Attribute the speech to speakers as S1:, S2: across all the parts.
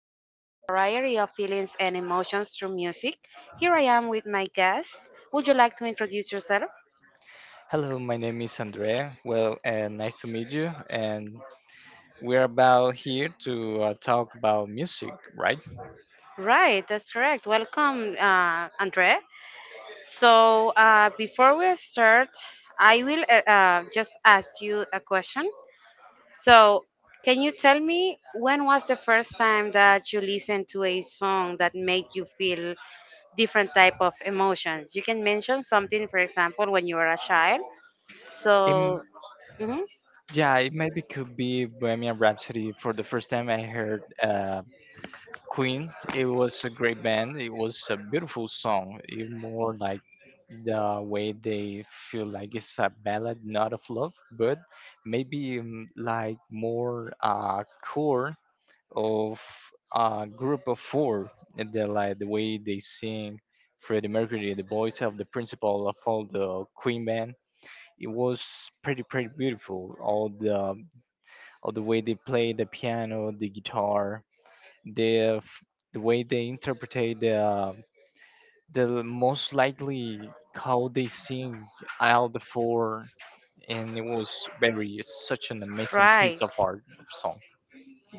S1: we explore a variety of feelings and emotions through music. Here I am with my guest. Would you like to introduce yourself?
S2: Hello, my name is Andrea. Well, nice to meet you. And we're about here to talk about music, right?
S1: Right, that's correct. Welcome, Andre. Before we start, I will just ask you a question. So, can you tell me when was the first time that you listened to a song that made you feel different type of emotions? You can mention something, for example, when you were a child.
S2: Um,
S1: So, mhm,
S2: yeah, it maybe could be Bohemian Rhapsody. For the first time, I heard Queen. It was a great band. It was a beautiful song. It more like the way they feel like it's a ballad, not of love, but maybe like more core of a group of four. And they like the way they sing Freddie Mercury, the voice of the principal of all the Queen band. It was pretty beautiful. All the way they play the piano, the guitar, the f- the way they interpretate the most likely how they sing all the four, and it was very such an amazing
S1: right.
S2: piece of art of song.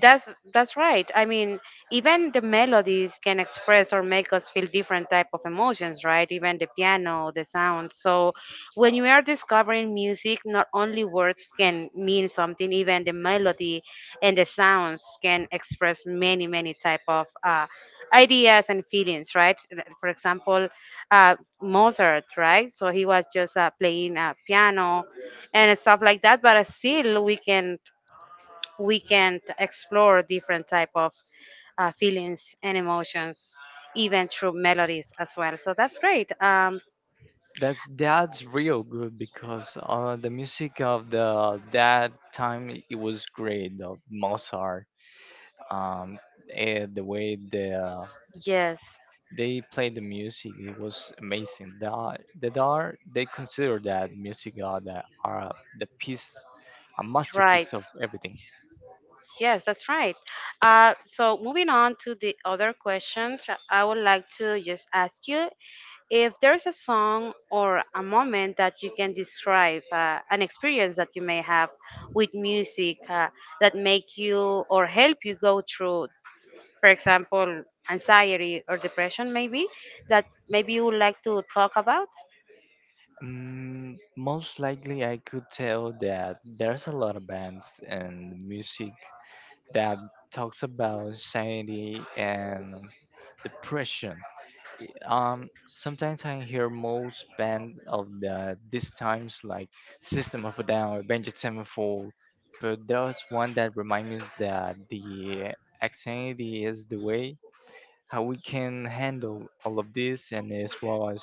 S1: That's right. I mean, even the melodies can express or make us feel different type of emotions, right? Even the piano, the sound. So when we are discovering music, not only words can mean something, even the melody and the sounds can express many, many type of ideas and feelings, right? For example, Mozart, right? So he was just playing piano and stuff like that, but still we can explore different type of feelings and emotions even through melodies as well. So that's great.
S2: That's real good because the music of the that time it was great. Of Mozart, um, and the way
S1: Yes,
S2: they played the music, it was amazing. The dar they consider that music are the piece, a
S1: right.
S2: masterpiece of everything.
S1: Yes, that's right. So moving on to the other question. I would like to just ask you if there's a song or a moment that you can describe, an experience that you may have with music that make you or help you go through, for example, anxiety or depression. Maybe that maybe you would like to talk about?
S2: Mm, most likely, I could tell that there's a lot of bands and music that talks about anxiety and depression. Sometimes I hear most band of these times like System of a Down, Avenged Sevenfold, but there's one that reminds me that the anxiety is the way how we can handle all of this, and as well as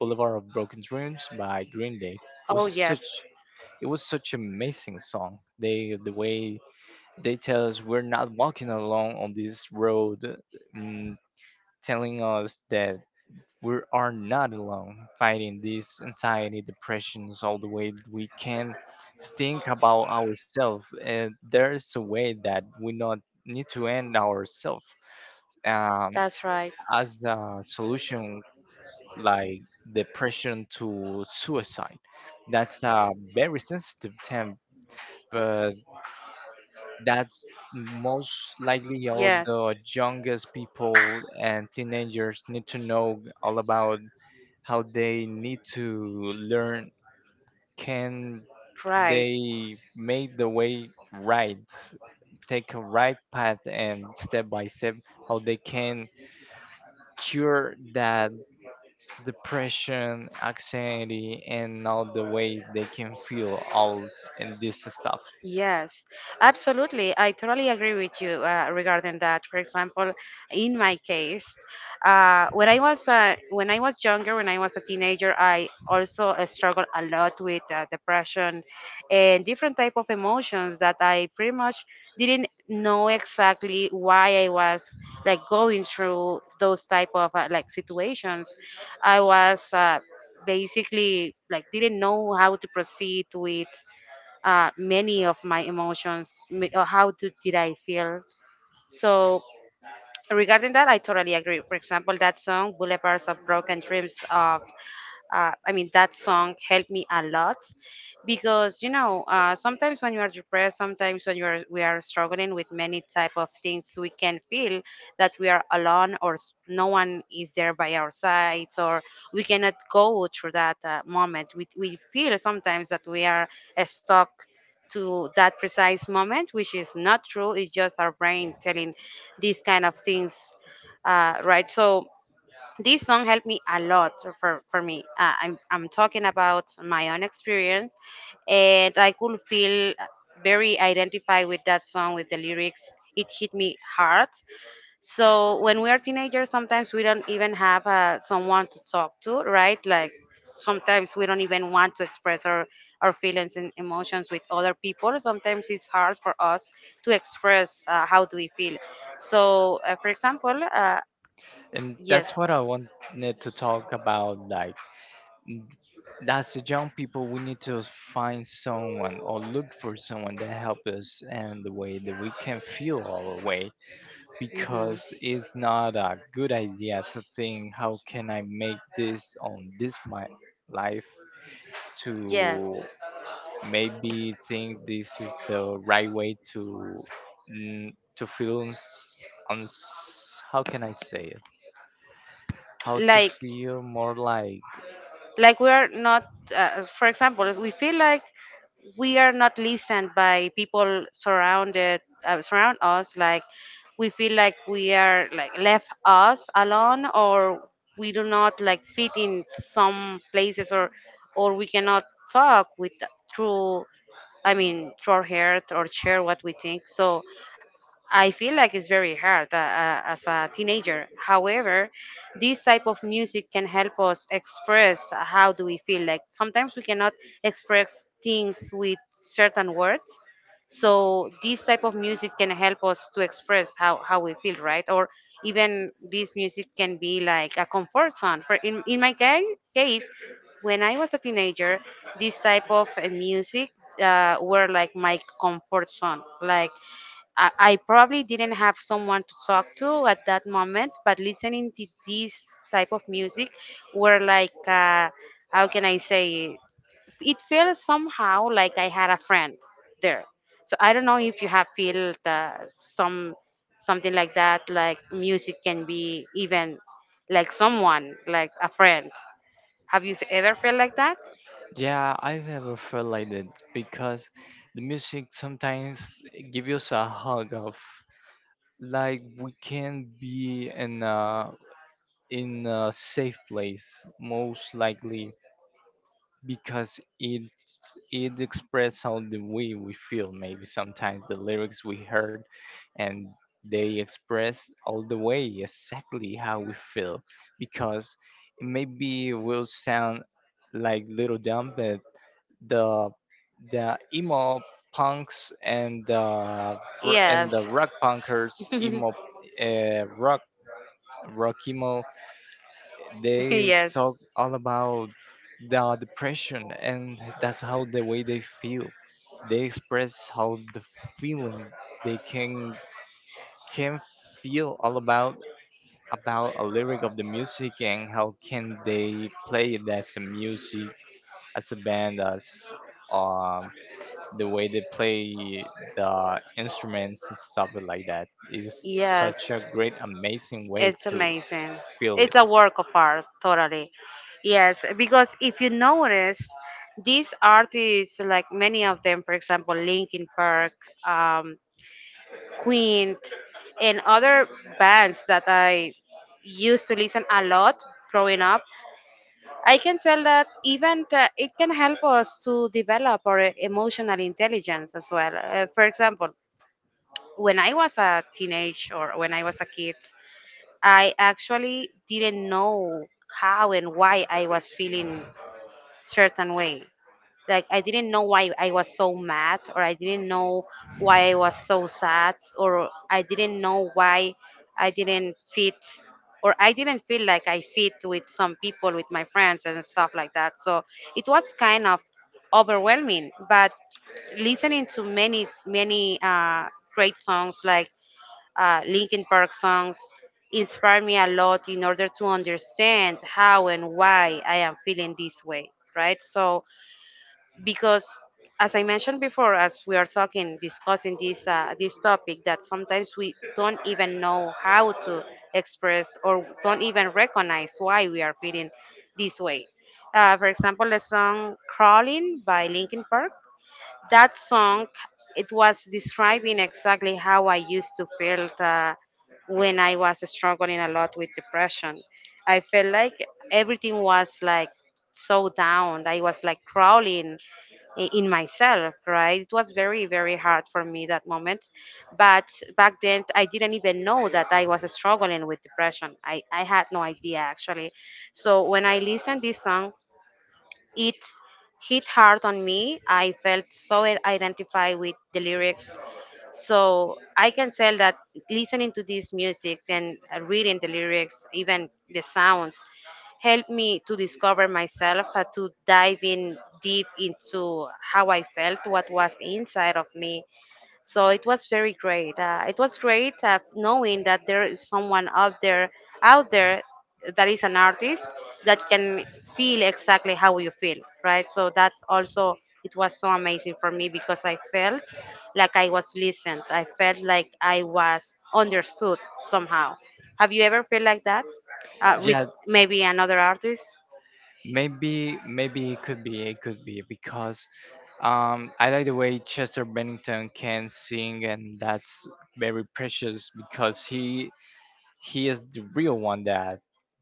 S2: Boulevard of Broken Dreams by Green Day. It was
S1: Oh, yes,
S2: such amazing song. The way they tell us we're not walking alone on this road, mm, telling us that we are not alone, fighting this anxiety, depressions, all the way we can think about ourselves. And there is a way that we not need to end ourselves, um,
S1: that's right.
S2: as a solution, like depression to suicide. That's a very sensitive term, but. That's most likely how
S1: Yes,
S2: the youngest people and teenagers need to know all about how they need to learn, can
S1: right.
S2: they make the way right, take a right path and step by step how they can cure that depression anxiety and all the way they can feel all, and this stuff.
S1: Yes. Absolutely, I totally agree with you regarding that. For example, in my case, when I was younger, when I was a teenager, I also struggled a lot with depression and different type of emotions that I pretty much didn't know exactly why I was like going through those type of like situations. I was basically like didn't know how to proceed with many of my emotions, or how did I feel. So regarding that, I totally agree. For example, that song "Boulevards of Broken Dreams" of I mean, that song helped me a lot because you know sometimes when you are depressed, sometimes when you are we are struggling with many type of things, we can feel that we are alone or no one is there by our sides, or we cannot go through that moment. We feel sometimes that we are stuck to that precise moment, which is not true. It's just our brain telling these kind of things, right? So this song helped me a lot. For me, I'm talking about my own experience, and I could feel very identified with that song. With the lyrics, it hit me hard. So when we are teenagers, sometimes we don't even have someone to talk to, right? Like sometimes we don't even want to express our feelings and emotions with other people. Sometimes it's hard for us to express how do we feel. For example,
S2: And
S1: yes.
S2: that's what I wanted to talk about, like n- as the young people, we need to find someone or look for someone that help us and the way that we can feel our way,
S1: Mhm.
S2: because it's not a good idea to think how can I make this on this my life,
S1: Yes,
S2: to maybe think this is the right way to, mm, to feel uns, how can I say it, how to
S1: like
S2: feel more like.
S1: like we are not, for example, we feel like we are not listened by people surround us. Like we feel like we are like left us alone, or we do not like fit in some places, or we cannot talk with through. I mean, through our heart, or share what we think. So I feel like it's very hard as a teenager. However, this type of music can help us express how do we feel. Like sometimes we cannot express things with certain words. So this type of music can help us to express how we feel, right? Or even this music can be like a comfort zone. In my case, when I was a teenager, this type of music were like my comfort zone. Like I probably didn't have someone to talk to at that moment, but listening to this type of music were like, how can I say it? It felt somehow like I had a friend there. So I don't know if you have felt something like that, like music can be even like someone, like a friend. Have you ever felt like that?
S2: Yeah, I've ever felt like that because the music sometimes give us a hug of like we can be in a safe place, most likely because it expresses how the way we feel, maybe sometimes the lyrics we heard, and they express all the way exactly how we feel. Because maybe it will sound like little dumb but the the emo punks and the and the
S1: Yes.
S2: rock punkers emo, rock, rock emo, they
S1: Yes.
S2: talk all about the depression, and that's how the way they feel, they express how the feeling they can feel all about a lyric of the music and how can they play it as a music, as a band, as um the way they play the instruments and stuff like that is such a
S1: Yes.
S2: great amazing way
S1: It's
S2: to
S1: amazing.
S2: feel it.
S1: It's a work of art, totally. Yes, because if you notice, these artists, like many of them, for example, Linkin Park, um, Queen, and other bands that I used to listen a lot growing up, I can tell that it can help us to develop our emotional intelligence as well. For example, when I was a teenage, or when I was a kid, I actually didn't know how and why I was feeling certain way. Like I didn't know why I was so mad, or I didn't know why I was so sad, or I didn't know why I didn't fit, or I didn't feel like I fit with some people, with my friends and stuff like that. So it was kind of overwhelming, but listening to many great songs like Linkin Park songs inspire me a lot in order to understand how and why I am feeling this way, right? So, because as I mentioned before, as we are talking, discussing this topic, that sometimes we don't even know how to express or don't even recognize why we are feeling this way. For example, the song "Crawling" by Linkin Park, that song, it was describing exactly how I used to feel when I was struggling a lot with depression. I felt like everything was like so down. I was like crawling in myself, right? It was very hard for me, that moment. But back then I didn't even know that I was struggling with depression. I had no idea, actually. So when I listened this song, it hit hard on me. I felt so identified with the lyrics. So I can tell that listening to this music and reading the lyrics, even the sounds, helped me to discover myself, to dive in deep into how I felt, what was inside of me. So it was very great. It was great knowing that there is someone out there, out there, that is an artist that can feel exactly how you feel, right? So that's also, it was so amazing for me, because I felt like I was listened. I felt like I was understood somehow. Have you ever felt like that with
S2: Yeah,
S1: maybe another artist?
S2: maybe it could be, it could be because I like the way Chester Bennington can sing, and that's very precious because he is the real one that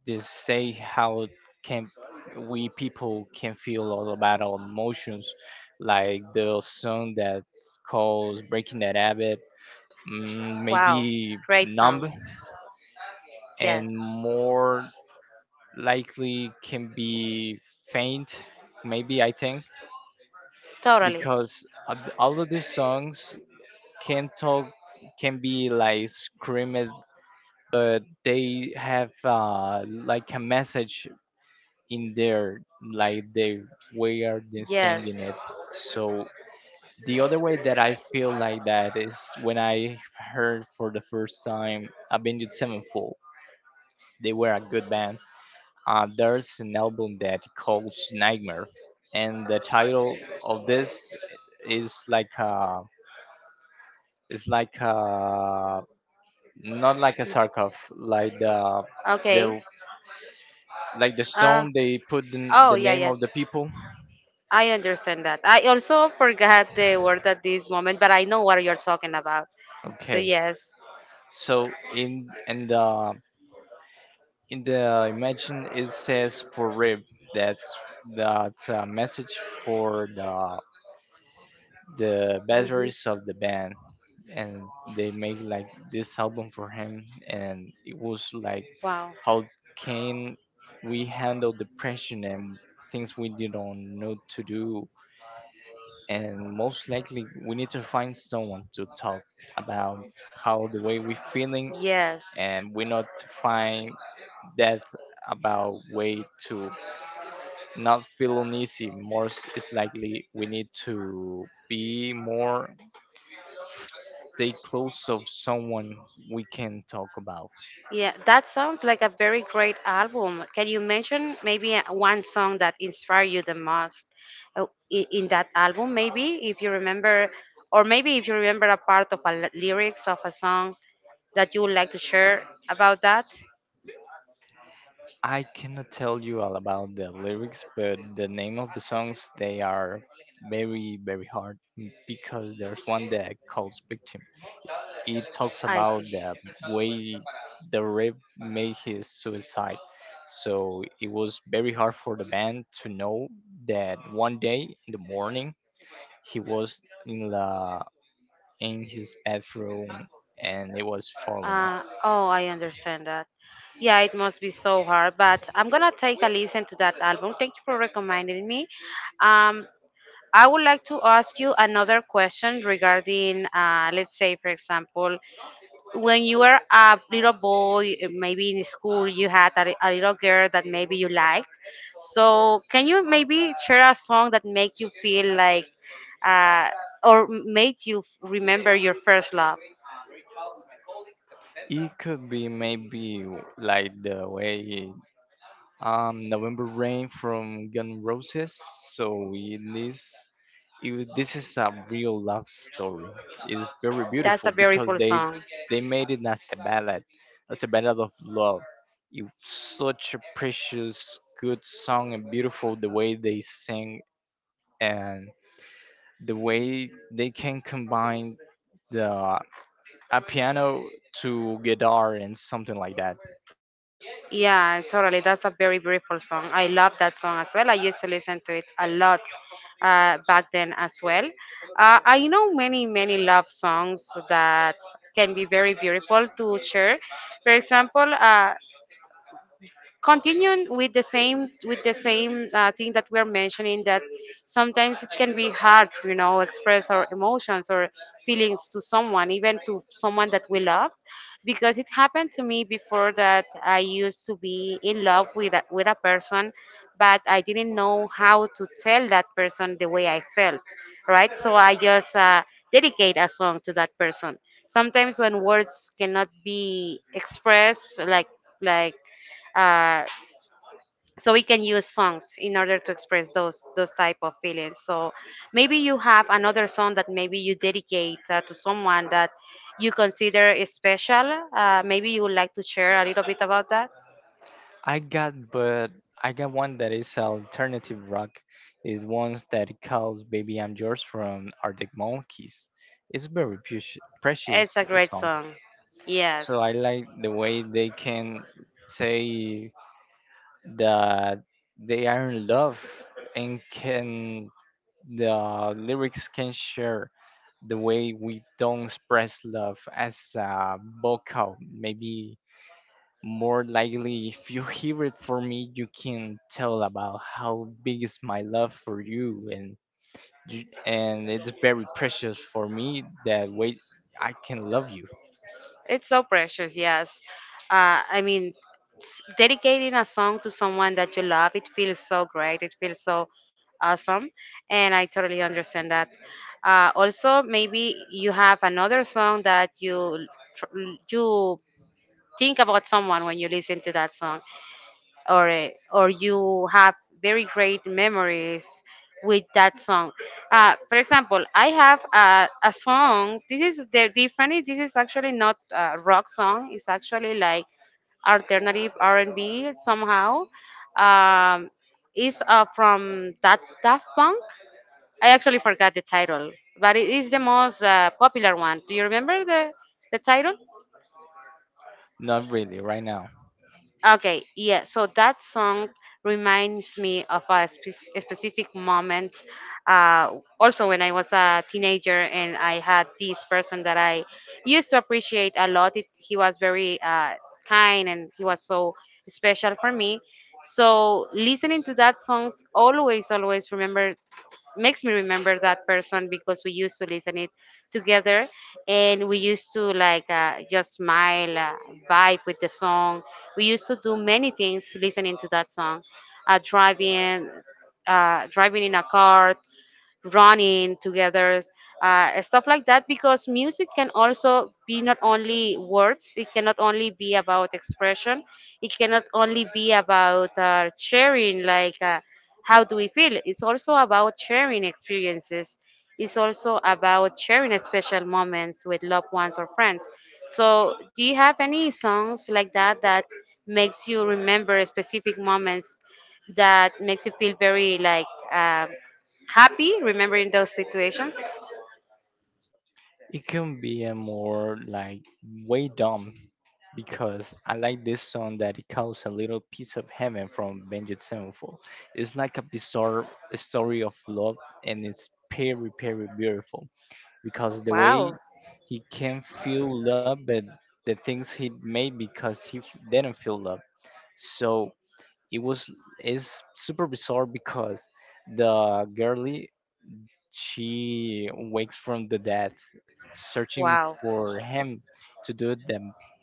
S2: they say how can we people can feel all about our emotions, like the song that's called Breaking That Habit,
S1: Wow,
S2: maybe
S1: great
S2: Numb,
S1: song. Yes,
S2: and more likely can be Faint, maybe I think.
S1: totally.
S2: Because all of these songs can talk, can be like screamed, but they have like a message in there, like they way are they singing
S1: Yes.
S2: it. So the other way that I feel like that is when I heard for the first time Avenged Sevenfold, they were a good band. There's an album that called Nightmare, and the title of this is like a, it's like a, not like a sarcoph, like the
S1: Okay.
S2: the like the
S1: Uh,
S2: stone they put
S1: oh,
S2: the
S1: yeah,
S2: name
S1: yeah.
S2: of the people.
S1: I understand that. I also forgot the word at this moment, but I know what you're talking about. So,
S2: Okay,
S1: yes.
S2: so in and the in the imagine it says for rib. That's a message for the
S1: Mhm.
S2: batteries of the band, and they make like this album for him, and it was like
S1: Wow.
S2: how can we handle depression and things we didn't know to do, and most likely we need to find someone to talk about how the way we're feeling,
S1: Yes.
S2: and we not find that about way to not feel uneasy, more it's likely we need to be more, stay close of someone we can talk about.
S1: Yeah, that sounds like a very great album. Can you mention maybe one song that inspired you the most uh, in that album? Maybe if you remember, or maybe if you remember a part of a lyrics of a song that you would like to share about that.
S2: I cannot tell you all about the lyrics, but the name of the songs they are very very hard because there's one that calls Victim. It talks
S1: I
S2: about
S1: see.
S2: the way the rape made his suicide. So it was very hard for the band to know that one day in the morning he was in the in his bathroom and it was falling.
S1: Oh, I understand that. Yeah, it must be so hard, but I'm gonna take a listen to that album. Thank you for recommending me. Um, I would like to ask you another question regarding, let's say, for example, when you were a little boy, maybe in school, you had a little girl that maybe you liked. So, can you maybe share a song that make you feel like, uh, or made you remember your first love?
S2: It could be maybe like the way November Rain from Gun Roses. So it is, this is a real love story. It's very
S1: That's
S2: beautiful
S1: a
S2: because
S1: beautiful song.
S2: they made it as a ballad of love. It's such a precious, good song, and beautiful the way they sing, and the way they can combine the a piano to guitar and something like that.
S1: Yeah, totally. That's a very beautiful song. I love that song as well. I used to listen to it a lot back then as well. I know many, many love songs that can be very beautiful to share. For example, continuing with the same thing that we're mentioning, that sometimes it can be hard, you know, express our emotions or feelings to someone, even to someone that we love. Because it happened to me before that I used to be in love with with a person, but I didn't know how to tell that person the way I felt, right? So I just dedicate a song to that person. Sometimes when words cannot be expressed like, uh, so we can use songs in order to express those type of feelings. So maybe you have another song that maybe you dedicate to someone that you consider is special. Maybe you would like to share a little bit about that.
S2: I got, but I got one that is alternative rock. It's ones that calls "Baby I'm Yours" from Arctic Monkeys. It's very precious,
S1: It's
S2: precious
S1: a great
S2: song.
S1: song. Yes.
S2: So I like the way they can say that they are in love, and can the lyrics can share the way we don't express love as a vocal, maybe more likely, if you hear it for me, you can tell about how big is my love for you, and you, and it's very precious for me that way I can love you.
S1: It's so precious, yes. I mean, dedicating a song to someone that you love, it feels so great. It feels so awesome. And I totally understand that. Also, maybe you have another song that you, tr- you think about someone when you listen to that song or or you have very great memories with that song. For example, I have a song. This is the different. Is This is actually not a rock song. It's actually like alternative R&B somehow. Um, it's from that Daft Punk. I actually forgot the title, but it is the most popular one. Do you remember the title?
S2: Not really right now.
S1: Okay, yeah. So that song reminds me of a specific moment. Also, when I was a teenager, and I had this person that I used to appreciate a lot. He was very kind, and he was so special for me. So listening to that songs always, always remember makes me remember that person because we used to listen it together, and we used to like just smile, vibe with the song. We used to do many things listening to that song, uh, driving driving in a car, running together, stuff like that. Because music can also be not only words, it cannot only be about expression, it cannot only be about sharing, how do we feel. It's also about sharing experiences, it's also about sharing special moments with loved ones or friends. So, do you have any songs like that that makes you remember specific moments? That makes you feel very like happy remembering those situations?
S2: It can be a more like way dumb because I like this song that it calls A Little Piece of Heaven from Avenged Sevenfold. It's like a bizarre story of love, and it's very very beautiful, because the way
S1: Wow,
S2: he can feel love, but the things he made because he didn't feel love. So it was, is super bizarre because the girlie she wakes from the death, searching
S1: wow.
S2: for him to do the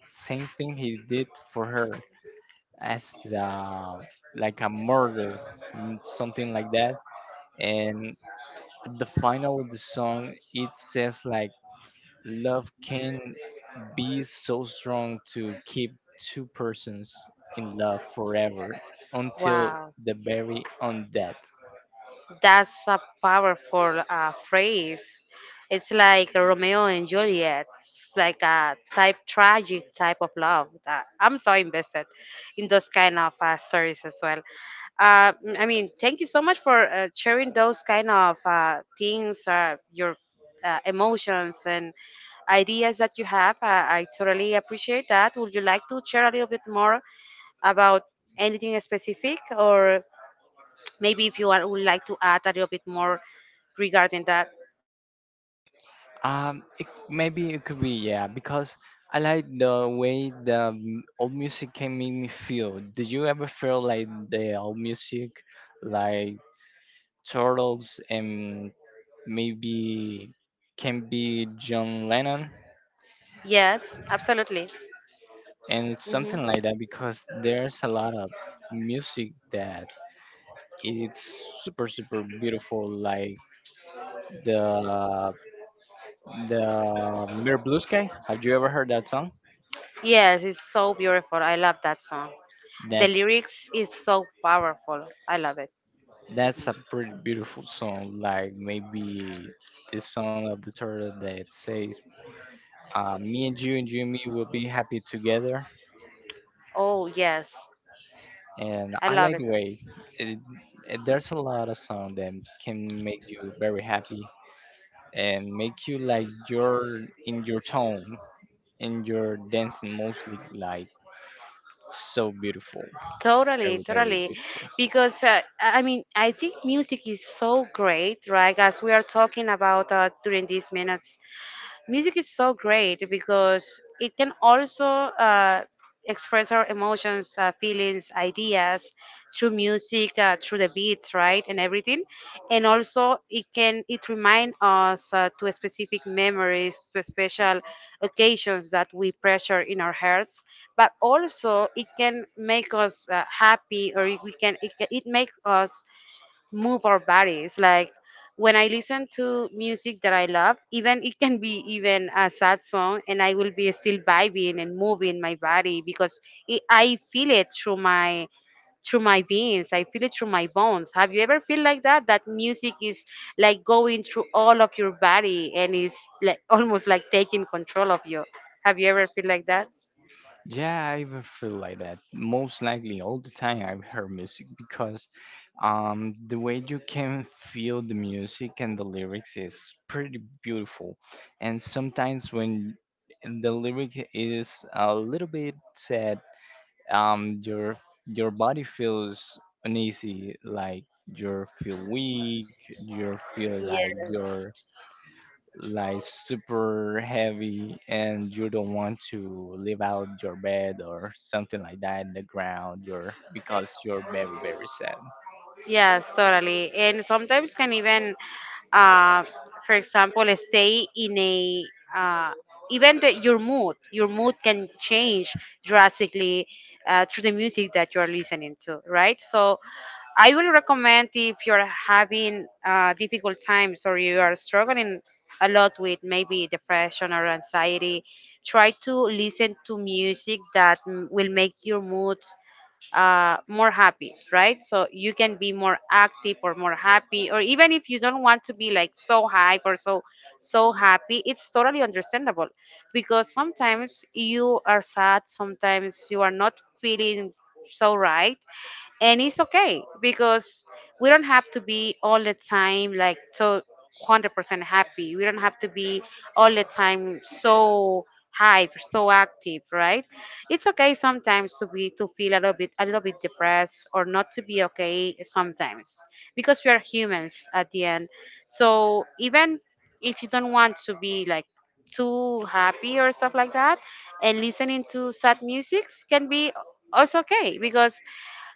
S2: same thing he did for her, as uh, like a murder, something like that. And at the final of the song, it says like love can be so strong to keep two persons in love forever until
S1: Wow.
S2: the very on death.
S1: That's a powerful phrase. It's like Romeo and Juliet. It's like a type tragic type of love. That I'm so invested in those kind of stories as well. I mean, thank you so much for sharing those kind of things, your emotions and ideas that you have. I totally appreciate that. Would you like to share a little bit more about anything specific, or maybe if you are, would like to add a little bit more regarding that?
S2: It, maybe it could be, yeah, because I like the way the old music can make me feel. Did you ever feel like the old music, like Turtles, and maybe can be John Lennon
S1: Yes, absolutely.
S2: and
S1: Hmm.
S2: something like that? Because there's a lot of music that, it's super super beautiful, like the the Mirror Blue Sky. Have you ever heard that song?
S1: Yes, it's so beautiful. I love that song. The
S2: That's
S1: lyrics is so powerful. I love it. Mhm.
S2: a pretty beautiful song. Like maybe this song of the turtle that says, "Me and you and you and me will be happy together."
S1: Oh yes,
S2: And
S1: I
S2: I
S1: love
S2: like
S1: it.
S2: the way it, it, there's a lot of song that can make you very happy and make you like your in your tone in your dancing mostly like so beautiful.
S1: Totally,
S2: Very, very
S1: totally.
S2: beautiful.
S1: Because I mean, I think music is so great, right? As we are talking about during these minutes, music is so great because it can also uh, express our emotions, feelings, ideas through music, through the beats, right, and everything. And also, it remind us to specific memories, to special occasions that we pressure in our hearts. But also, it can make us happy, or it- we can, it makes us move our bodies. Like when I listen to music that I love, even it can be even a sad song, and I will be still vibing and moving my body because I feel it through my veins. I feel it through my bones. Have you ever feel like that? That music is like going through all of your body and is like almost like taking control of you. Have you ever feel like that?
S2: Yeah, I even feel like that. Most likely, all the time I've heard music because the way you can feel the music and the lyrics is pretty beautiful. And sometimes when the lyric is a little bit sad, um, your your body feels uneasy, like you feel weak, you feel like
S1: Yes.
S2: you're like super heavy, and you don't want to leave out your bed or something like that, in the ground you're because you're very, very sad.
S1: Yes, totally. And sometimes can even, uh, for example, let's say in a uh, even your mood can change drastically through the music that you are listening to, right? So I will recommend if you're having difficult times or you are struggling a lot with maybe depression or anxiety, try to listen to music that will make your mood more happy, right? So you can be more active or more happy, or even if you don't want to be like so hype or so happy, it's totally understandable because sometimes you are sad, sometimes you are not feeling so right, and it's okay because we don't have to be all the time like so 100% happy. We don't have to be all the time so hype, so active, right? It's okay sometimes to be to feel a little bit depressed or not to be okay sometimes because we are humans at the end. So even if you don't want to be like too happy or stuff like that, and listening to sad music can be also okay because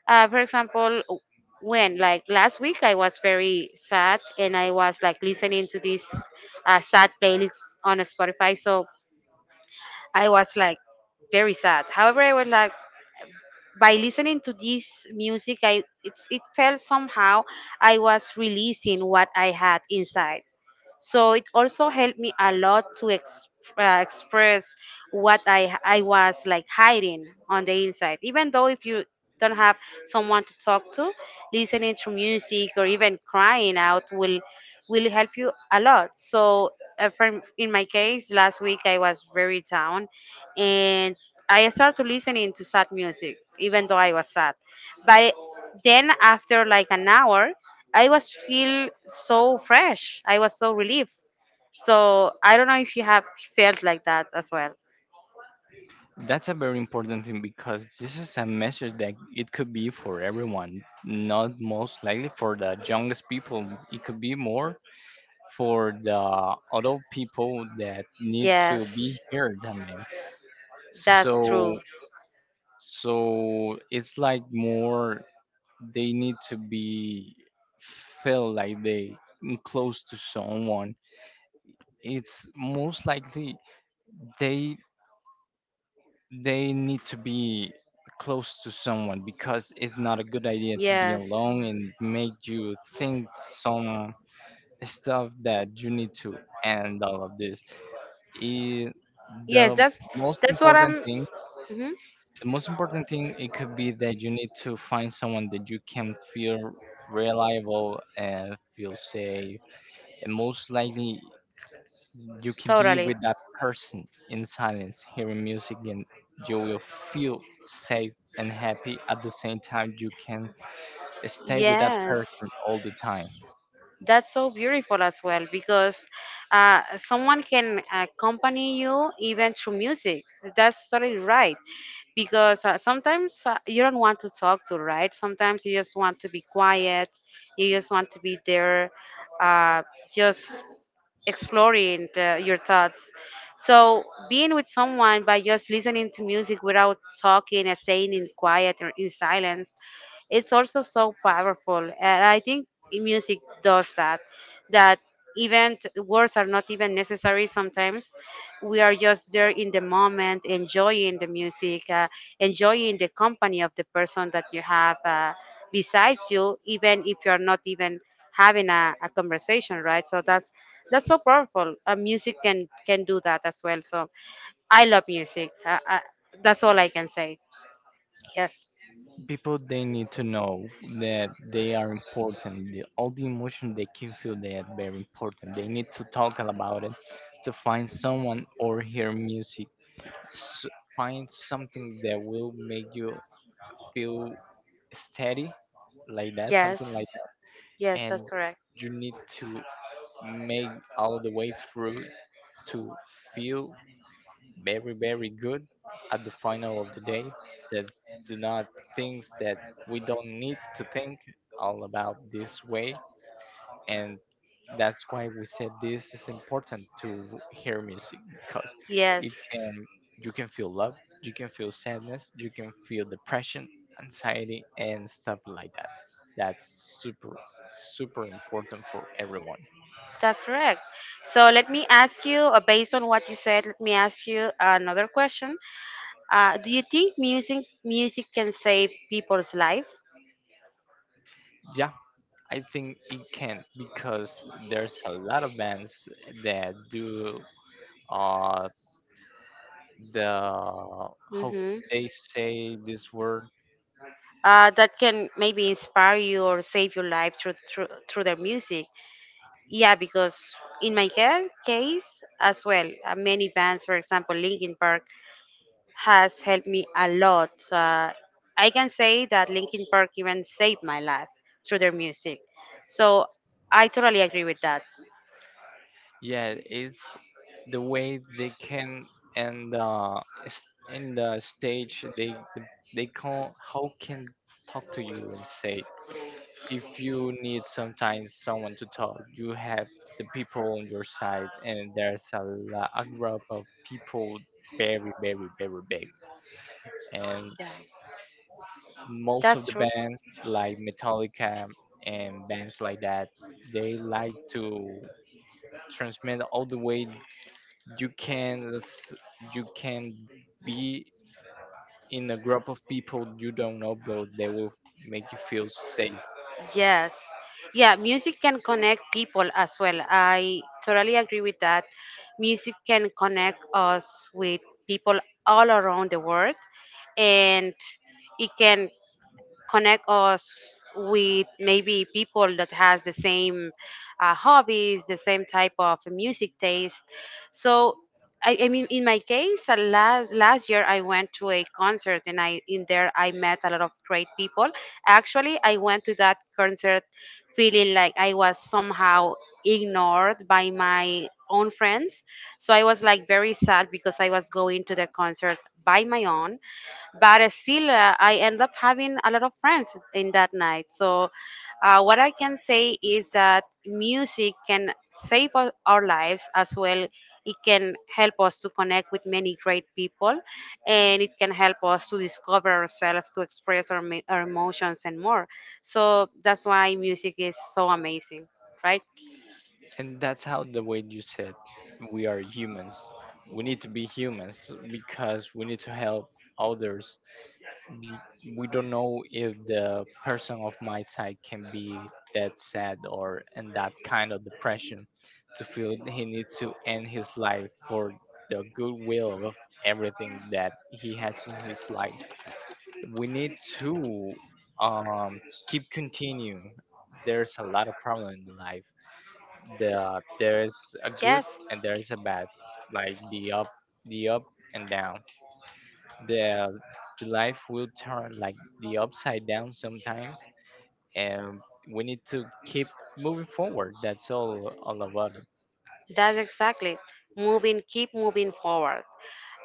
S1: for example, when like last week I was very sad, and I was like listening to this sad playlist on Spotify. So I was like very sad. However, I was like by listening to this music, I it's it felt somehow I was releasing what I had inside. So it also helped me a lot to express what I was like hiding on the inside. Even though if you don't have someone to talk to, listening to music or even crying out will help you a lot. So in my case, last week I was very down, and I started listening to sad music, even though I was sad. But then after like an hour, I was feel so fresh. I was so relieved. So I don't know if you have felt like that as well.
S2: That's a very important thing, because this is a message that it could be for everyone, not most likely for the youngest people. It could be more for the adult people that need to be
S1: Yes,
S2: heard, I mean.
S1: that's
S2: So
S1: true.
S2: so it's like more, they need to be feel like they close to someone. It's most likely they they need to be close to someone, because it's not a good idea to be
S1: Yes,
S2: alone and make you think some stuff that you need to end all of this it,
S1: yes,
S2: the
S1: that's
S2: most
S1: that's what
S2: important
S1: I'm.
S2: thing.
S1: Mhm.
S2: The most important thing, it could be that you need to find someone that you can feel reliable and feel safe, and most likely you can be
S1: Totally.
S2: with that person in silence hearing music, and you will feel safe and happy at the same time. You can stay with that
S1: Yes.
S2: person all the time.
S1: That's so beautiful as well because someone can accompany you even through music. That's totally right because sometimes you don't want to talk to, right? Sometimes you just want to be quiet. You just want to be there, uh, just exploring your thoughts. So being with someone by just listening to music without talking and staying in quiet or in silence, it's also so powerful. And I think music does that even words are not even necessary sometimes. We are just there in the moment enjoying the music, enjoying the company of the person that you have besides you, even if you are not even having a conversation, right? So that's so powerful. Music can do that as well. So I love music. That's all I can say. Yes.
S2: People, they need to know that they are important, the, all the emotion they can feel, they are very important, they need to talk about it, to find someone or hear music. S find something that will make you feel steady, like that,
S1: Yes.
S2: something like.
S1: Yes,
S2: And
S1: that's correct.
S2: you need to make all the way through to feel very, very good at the final of the day, that do not things that we don't need to think all about this way. And that's why we said this is important to hear music, because it
S1: Yes.
S2: can, you can feel love, you can feel sadness, you can feel depression, anxiety and stuff like that. That's super, super important for everyone.
S1: That's correct. So let me ask you, based on what you said, let me ask you another question. Do you think music can save people's life?
S2: Yeah, I think it can, because there's a lot of bands that do uh the, how
S1: Hmm.
S2: they say this word.
S1: That can maybe inspire you or save your life through their music. Yeah, because in my case as well, many bands, for example, Linkin Park, has helped me a lot. So, I can say that Linkin Park even saved my life through their music. So I totally agree with that.
S2: Yeah, it's the way they can, and in the stage they can how can talk to you and say, if you need sometimes someone to talk, you have the people on your side, and there's a, lo- a group of people very, very very big. And
S1: Yeah,
S2: most of
S1: that's
S2: the
S1: true.
S2: bands like Metallica and bands like that, they like to transmit all the way. You can you can be in a group of people you don't know, but they will make you feel safe.
S1: Yes. Yeah, music can connect people as well. I totally agree with that. Music can connect us with people all around the world, and it can connect us with maybe people that has the same hobbies, the same type of music taste. So I mean, in my case, last year I went to a concert, and I in there I met a lot of great people. Actually, I went to that concert feeling like I was somehow ignored by my own friends. So I was like very sad because I was going to the concert by my own, but still I end up having a lot of friends in that night. So what I can say is that music can our lives as well. It can help us to connect with many great people, and it can help us to discover ourselves, to express our emotions and more. So that's why music is so amazing, right?
S2: And that's how the way you said, we are humans, we need to be humans because we need to help others. Be- we don't know if the person of my side can be that sad or in that kind of depression to feel he needs to end his life for the goodwill of everything that he has in his life. We need to um, keep continuing. There's a lot of problem in life. The there's a good
S1: Yes.
S2: and there's a bad, like the up and down. The the life will turn like the upside down sometimes, and we need to keep moving forward. That's all about it.
S1: That's exactly moving, keep moving forward.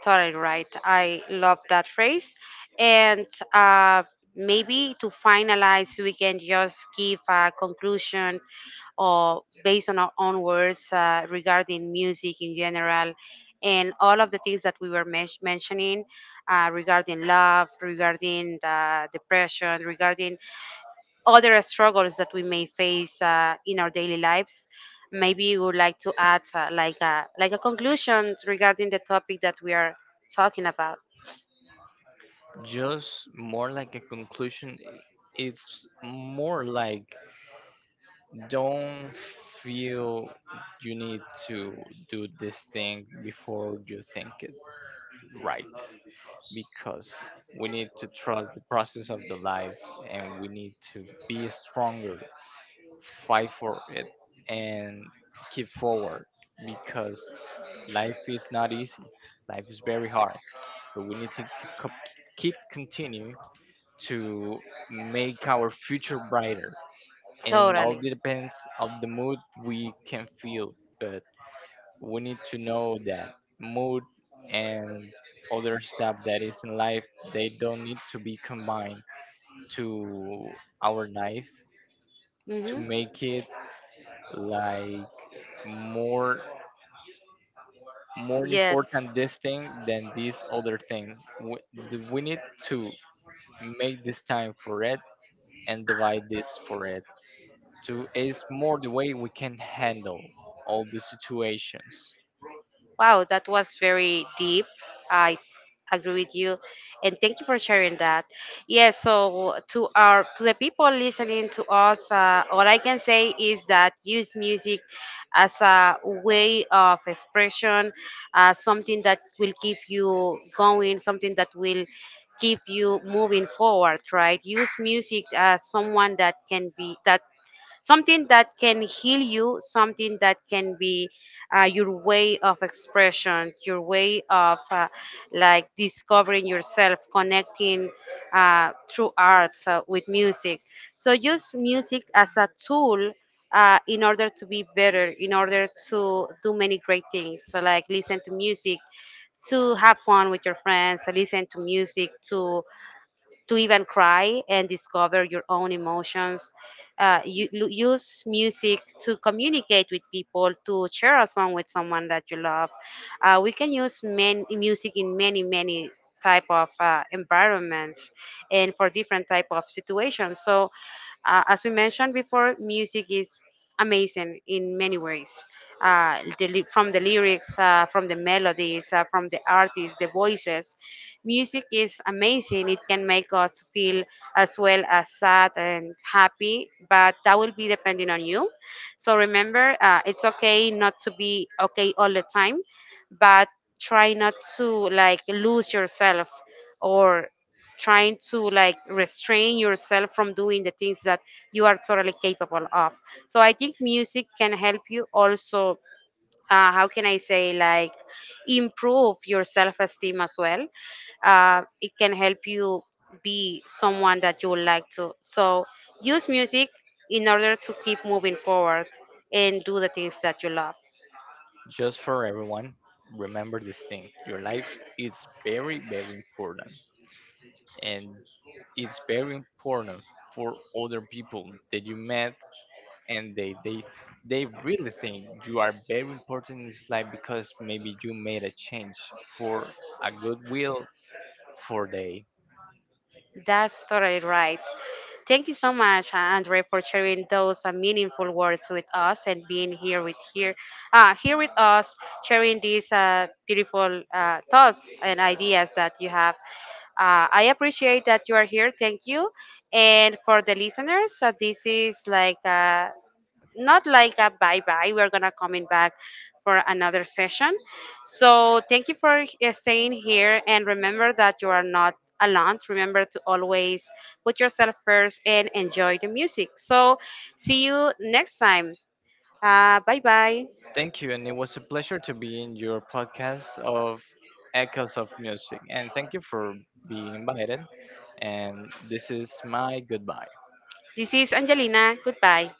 S1: Totally right. I love that phrase. And uh, maybe to finalize, we can just give a conclusion or based on our own words regarding music in general and all of the things that we were mentioning, regarding love, regarding depression, regarding other struggles that we may face in our daily lives. Maybe you would like to add like a conclusion regarding the topic that we are talking about.
S2: Just more like a conclusion. It's more like don't feel you need to do this thing before you think it, right? Because we need to trust the process of the life, and we need to be stronger, fight for it, and keep forward, because life is not easy, life is very hard, but we need to keep keep continue to make our future brighter. And all
S1: Totally.
S2: depends of the mood we can feel. But we need to know that mood and other stuff that is in life, they don't need to be combined to our life, to
S1: Hmm.
S2: make it like more, more
S1: Yes.
S2: important this thing than these other things, we need to make this time for it and divide this for it, to is more the way we can handle all the situations.
S1: Wow, that was very deep. I agree with you, and thank you for sharing that. Yes, so to the people listening to us, all I can say is that use music as a way of expression, something that will keep you going, something that will keep you moving forward. Right? Use music as someone that can be that, something that can heal you, something that can be your way of expression, your way of like discovering yourself, connecting through arts with music. So use music as a tool. In order to be better, in order to do many great things, so like listen to music, to have fun with your friends, listen to music, to even cry and discover your own emotions. You use music to communicate with people, to share a song with someone that you love. We can use music in many, many type of environments and for different type of situations. So as we mentioned before, music is amazing in many ways. From the lyrics, from the melodies, from the artists, the voices. Music is amazing. It can make us feel as well as sad and happy, but that will be depending on you. So remember, it's okay not to be okay all the time, but try not to like lose yourself or trying to like restrain yourself from doing the things that you are totally capable of. So I think music can help you also how can I say, like improve your self esteem as well. It can help you be someone that you would like to. So use music in order to keep moving forward and do the things that you love.
S2: Just for everyone, remember this thing. Your life is very, very important. And it's very important for other people that you met, and they really think you are very important in this life, because maybe you made a change for a goodwill for they.
S1: That's totally right. Thank you so much, Andre, for sharing those meaningful words with us and being here here with us, sharing these beautiful thoughts and ideas that you have. I appreciate that you are here. Thank you. And for the listeners, this is like not like a bye bye. We're gonna coming back for another session. So thank you for staying here, and remember that you are not alone. Remember to always put yourself first and enjoy the music. So see you next time. Bye bye.
S2: Thank you, and it was a pleasure to be in your podcast of Echoes of Music. And thank you for being invited. And this is my goodbye.
S1: This is Angelina. Goodbye.